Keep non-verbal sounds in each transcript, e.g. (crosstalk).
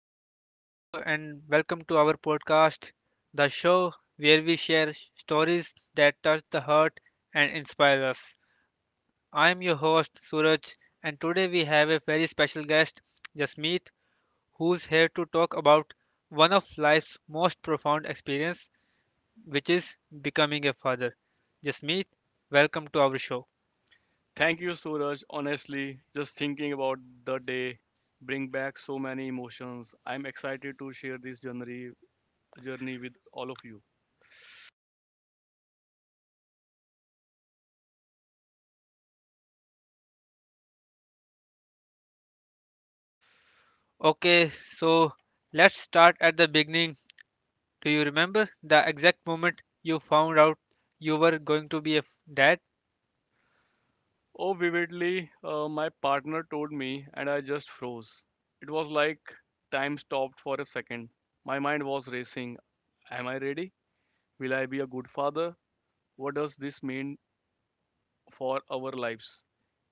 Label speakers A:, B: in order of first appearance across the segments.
A: guys, hello and welcome to our podcast, the show where we share stories that touch the heart and inspire us. I'm your host, Suraj, and today we have a very special guest, Jasmeet, who's here to talk about one of life's most profound experience, which is becoming a father. Jasmeet, welcome to our show.
B: Thank you, Suraj. Honestly, just thinking about the day bring back so many emotions. I'm excited to share this journey with all of you.
A: Okay, so let's start at the beginning. Do you remember the exact moment you found out you were going to be a dad?
B: Oh, vividly, my partner told me, and I just froze. It was like time stopped for a second. My mind was racing. Am I ready? Will I be a good father? What does this mean for our lives?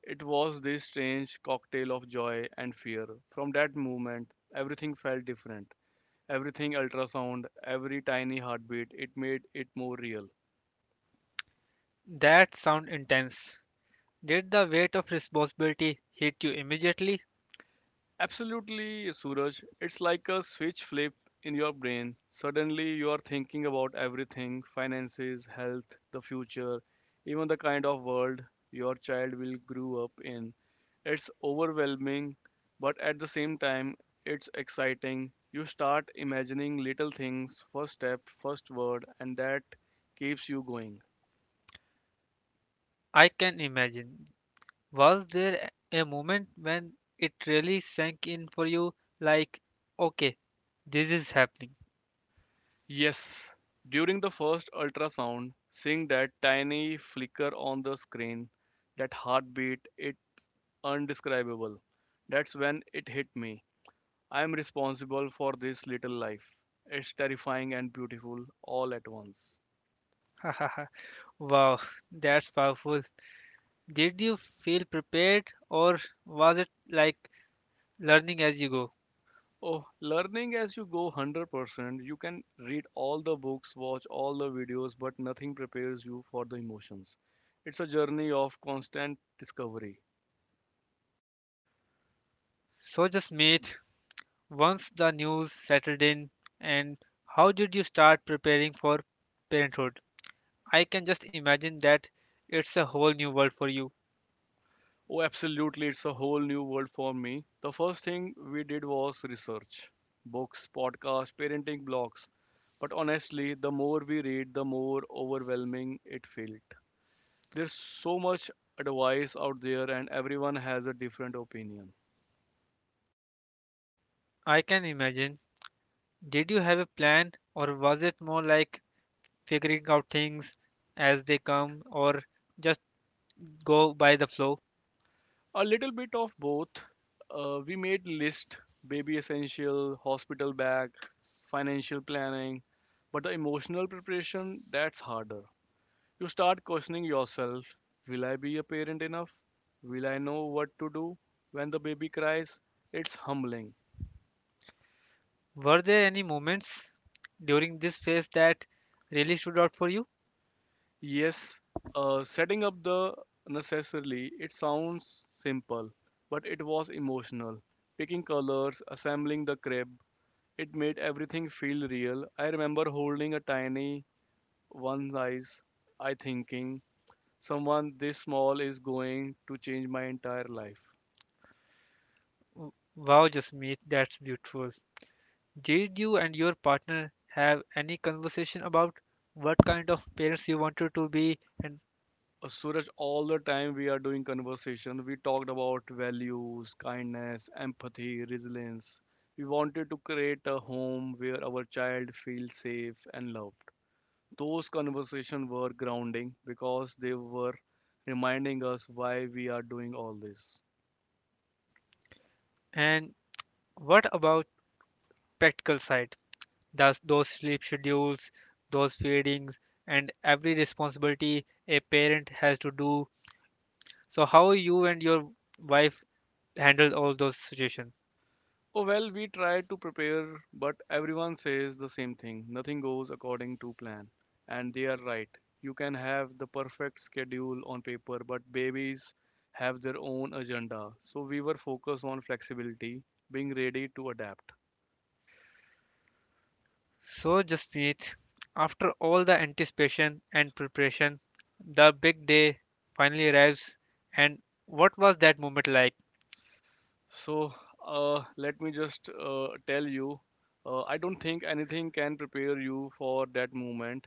B: It was this strange cocktail of joy and fear. From that moment, everything felt different. Everything ultrasound, every tiny heartbeat, it made it more real.
A: That sound intense. Did the weight of responsibility hit you immediately?
B: Absolutely, Suraj. It's like a switch flip in your brain. Suddenly, you are thinking about everything finances, health, the future, even the kind of world your child will grow up in. It's overwhelming, but at the same time, it's exciting. You start imagining little things, first step, first word, and that keeps you going.
A: I can imagine. Was there a moment when it really sank in for you like, okay, this is happening?
B: Yes, during the first ultrasound, seeing that tiny flicker on the screen, that heartbeat, it undescribable. That's when it hit me. I am responsible for this little life. It's terrifying and beautiful all at once.
A: (laughs) Wow, that's powerful. Did you feel prepared or was it like learning as you go?
B: Oh, learning as you go 100%, you can read all the books, watch all the videos, but nothing prepares you for the emotions. It's a journey of constant discovery.
A: So just meet, once the news settled in and how did you start preparing for parenthood? I can just imagine that it's a whole new world for you.
B: Oh, absolutely. It's a whole new world for me. The first thing we did was research books, podcasts, parenting blogs. But honestly, the more we read, the more overwhelming it felt. There's so much advice out there, and everyone has a different opinion.
A: I can imagine, did you have a plan or was it more like figuring out things as they come, or just go by the flow?
B: A little bit of both. We made list baby essential, hospital bag, financial planning, but the emotional preparation that's harder. You start questioning yourself. Will I be a parent enough? Will I know what to do when the baby cries? It's humbling.
A: Were there any moments during this phase that really stood out for you?
B: Yes, setting up the necessarily, it sounds simple, but it was emotional. Picking colors, assembling the crib, it made everything feel real. I remember holding a tiny one's eyes, I thinking, someone this small is going to change my entire life.
A: Wow, Jasmeet, that's beautiful. Did you and your partner have any conversation about what kind of parents you wanted to be, and
B: Suraj, all the time we are doing conversation, we talked about values, kindness, empathy, resilience. We wanted to create a home where our child feels safe and loved. Those conversations were grounding because they were reminding us why we are doing all this.
A: and what about practical side? Does those sleep schedules, those feedings and every responsibility a parent has to do. So how you and your wife handled all those situations?
B: Oh, well, we try to prepare, but everyone says the same thing. Nothing goes according to plan. And they are right. You can have the perfect schedule on paper, but babies have their own agenda. So we were focused on flexibility, being ready to adapt.
A: So Jasmeet, after all the anticipation and preparation, the big day finally arrives, and what was that moment like?
B: So let me just tell you I don't think anything can prepare you for that moment.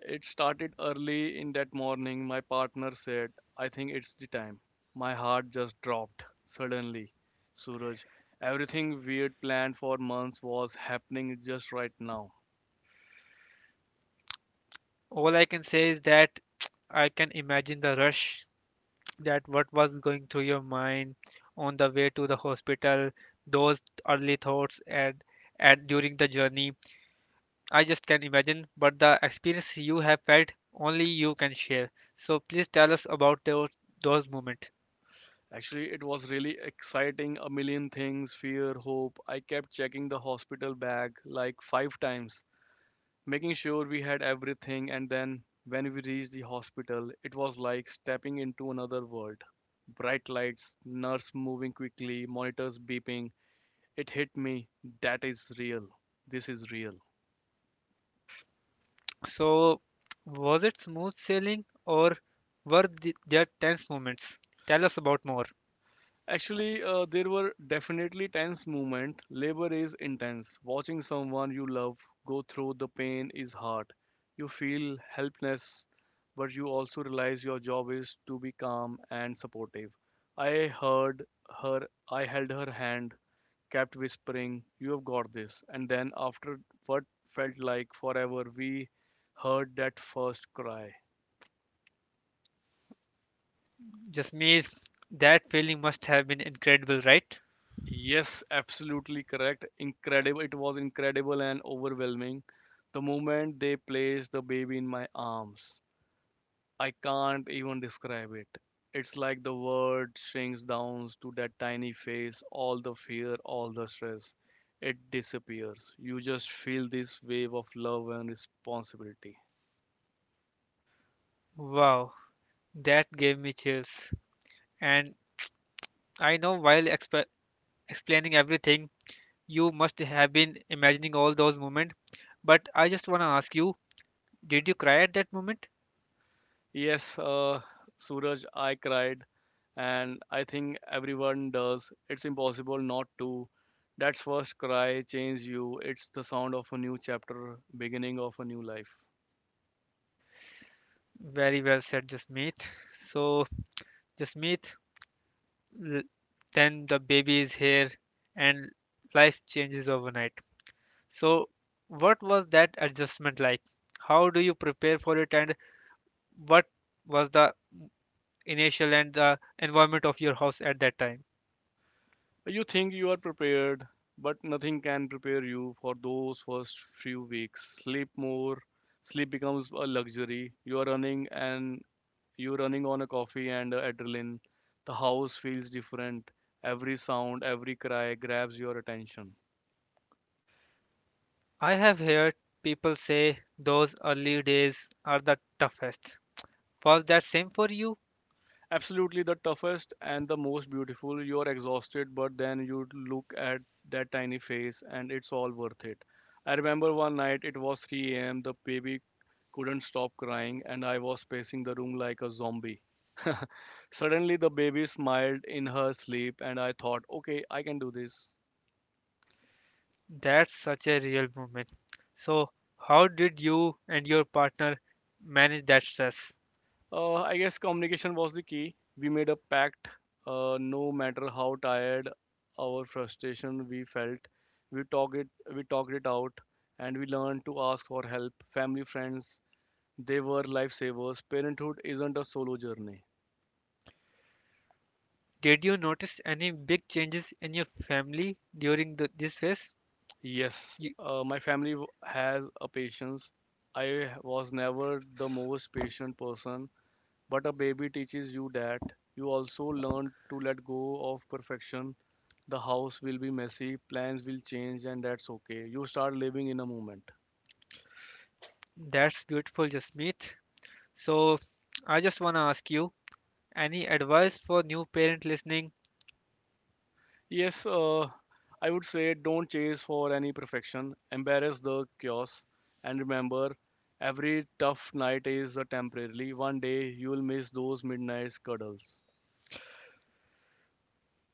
B: It started early in that morning. My partner said, I think it's the time. My heart just dropped suddenly. Suraj, everything weird planned for months was happening just right now.
A: All I can say is that I can imagine the rush, that what was going through your mind on the way to the hospital, those early thoughts and during the journey. I just can imagine, but the experience you have felt only you can share. So please tell us about those moments.
B: Actually, it was really exciting. A million things fear, hope. I kept checking the hospital bag like five times, making sure we had everything. And then when we reached the hospital, it was like stepping into another world bright lights, nurse moving quickly, monitors beeping, it hit me. That is real. This is real.
A: So was it smooth sailing or were there tense moments? Tell us about more.
B: Actually, there were definitely tense moments. Labor is intense. Watching someone you love go through the pain is hard. You feel helpless, but you also realize your job is to be calm and supportive. I heard her, I held her hand, kept whispering, you have got this. And then, after what felt like forever, we heard that first cry.
A: Just me, that feeling must have been incredible, right?
B: Yes, absolutely correct. Incredible. It was incredible and overwhelming. The moment they placed the baby in my arms, I can't even describe it. It's like the world shrinks down to that tiny face, all the fear, all the stress. It disappears. You just feel this wave of love and responsibility.
A: Wow. That gave me chills. And I know while explaining everything, you must have been imagining all those moments. But I just want to ask you, did you cry at that moment?
B: Yes, Suraj, I cried, and I think everyone does. It's impossible not to. That first cry changes you. It's the sound of a new chapter, beginning of a new life.
A: Very well said, Jasmeet. So, Jasmeet, l- then the baby is here and life changes overnight. So, what was that adjustment like? How do you prepare for it, and what was the initial and the environment of your house at that time?
B: You think you are prepared, but nothing can prepare you for those first few weeks. Sleep more. Sleep becomes a luxury. You're running on a coffee and adrenaline. The house feels different. Every sound, every cry grabs your attention.
A: I have heard people say those early days are the toughest. Was that same for you?
B: Absolutely the toughest and the most beautiful. You are exhausted, but then you look at that tiny face and it's all worth it. I remember one night it was 3 a.m. The baby couldn't stop crying and I was pacing the room like a zombie. (laughs) Suddenly the baby smiled in her sleep and I thought, okay, I can do this.
A: That's such a real moment. So, how did you and your partner manage that stress?
B: I guess communication was the key. We made a pact. No matter how tired our frustration we felt, we talked it. We talked it out, and we learned to ask for help. Family, friends, they were lifesavers. Parenthood isn't a solo journey.
A: Did you notice any big changes in your family during this phase?
B: Yes,
A: You,
B: my family has a patience. I was never the most patient person, but a baby teaches you that you also learn to let go of perfection. The house will be messy, plans will change, and that's okay. You start living in a moment.
A: that's beautiful, Jasmeet. So, I just want to ask you, any advice for new parent listening?
B: Yes, I would say don't chase for any perfection, embrace the chaos, and remember every tough night is a temporarily. One day you'll miss those midnight cuddles.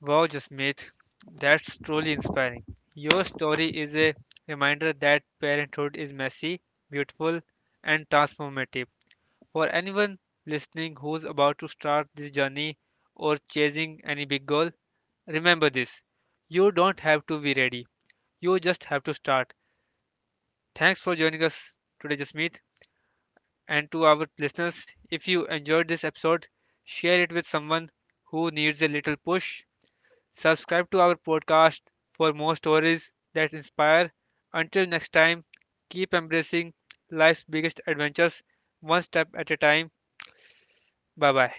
A: Wow, Jasmeet, that's truly inspiring. Your story is a reminder that parenthood is messy, beautiful, and transformative. For anyone listening who's about to start this journey or chasing any big goal, remember this: you don't have to be ready, you just have to start. Thanks for joining us today, Jasmeet. And to our listeners, if you enjoyed this episode, share it with someone who needs a little push. Subscribe to our podcast for more stories that inspire. Until next time, keep embracing life's biggest adventures one step at a time. Bye bye.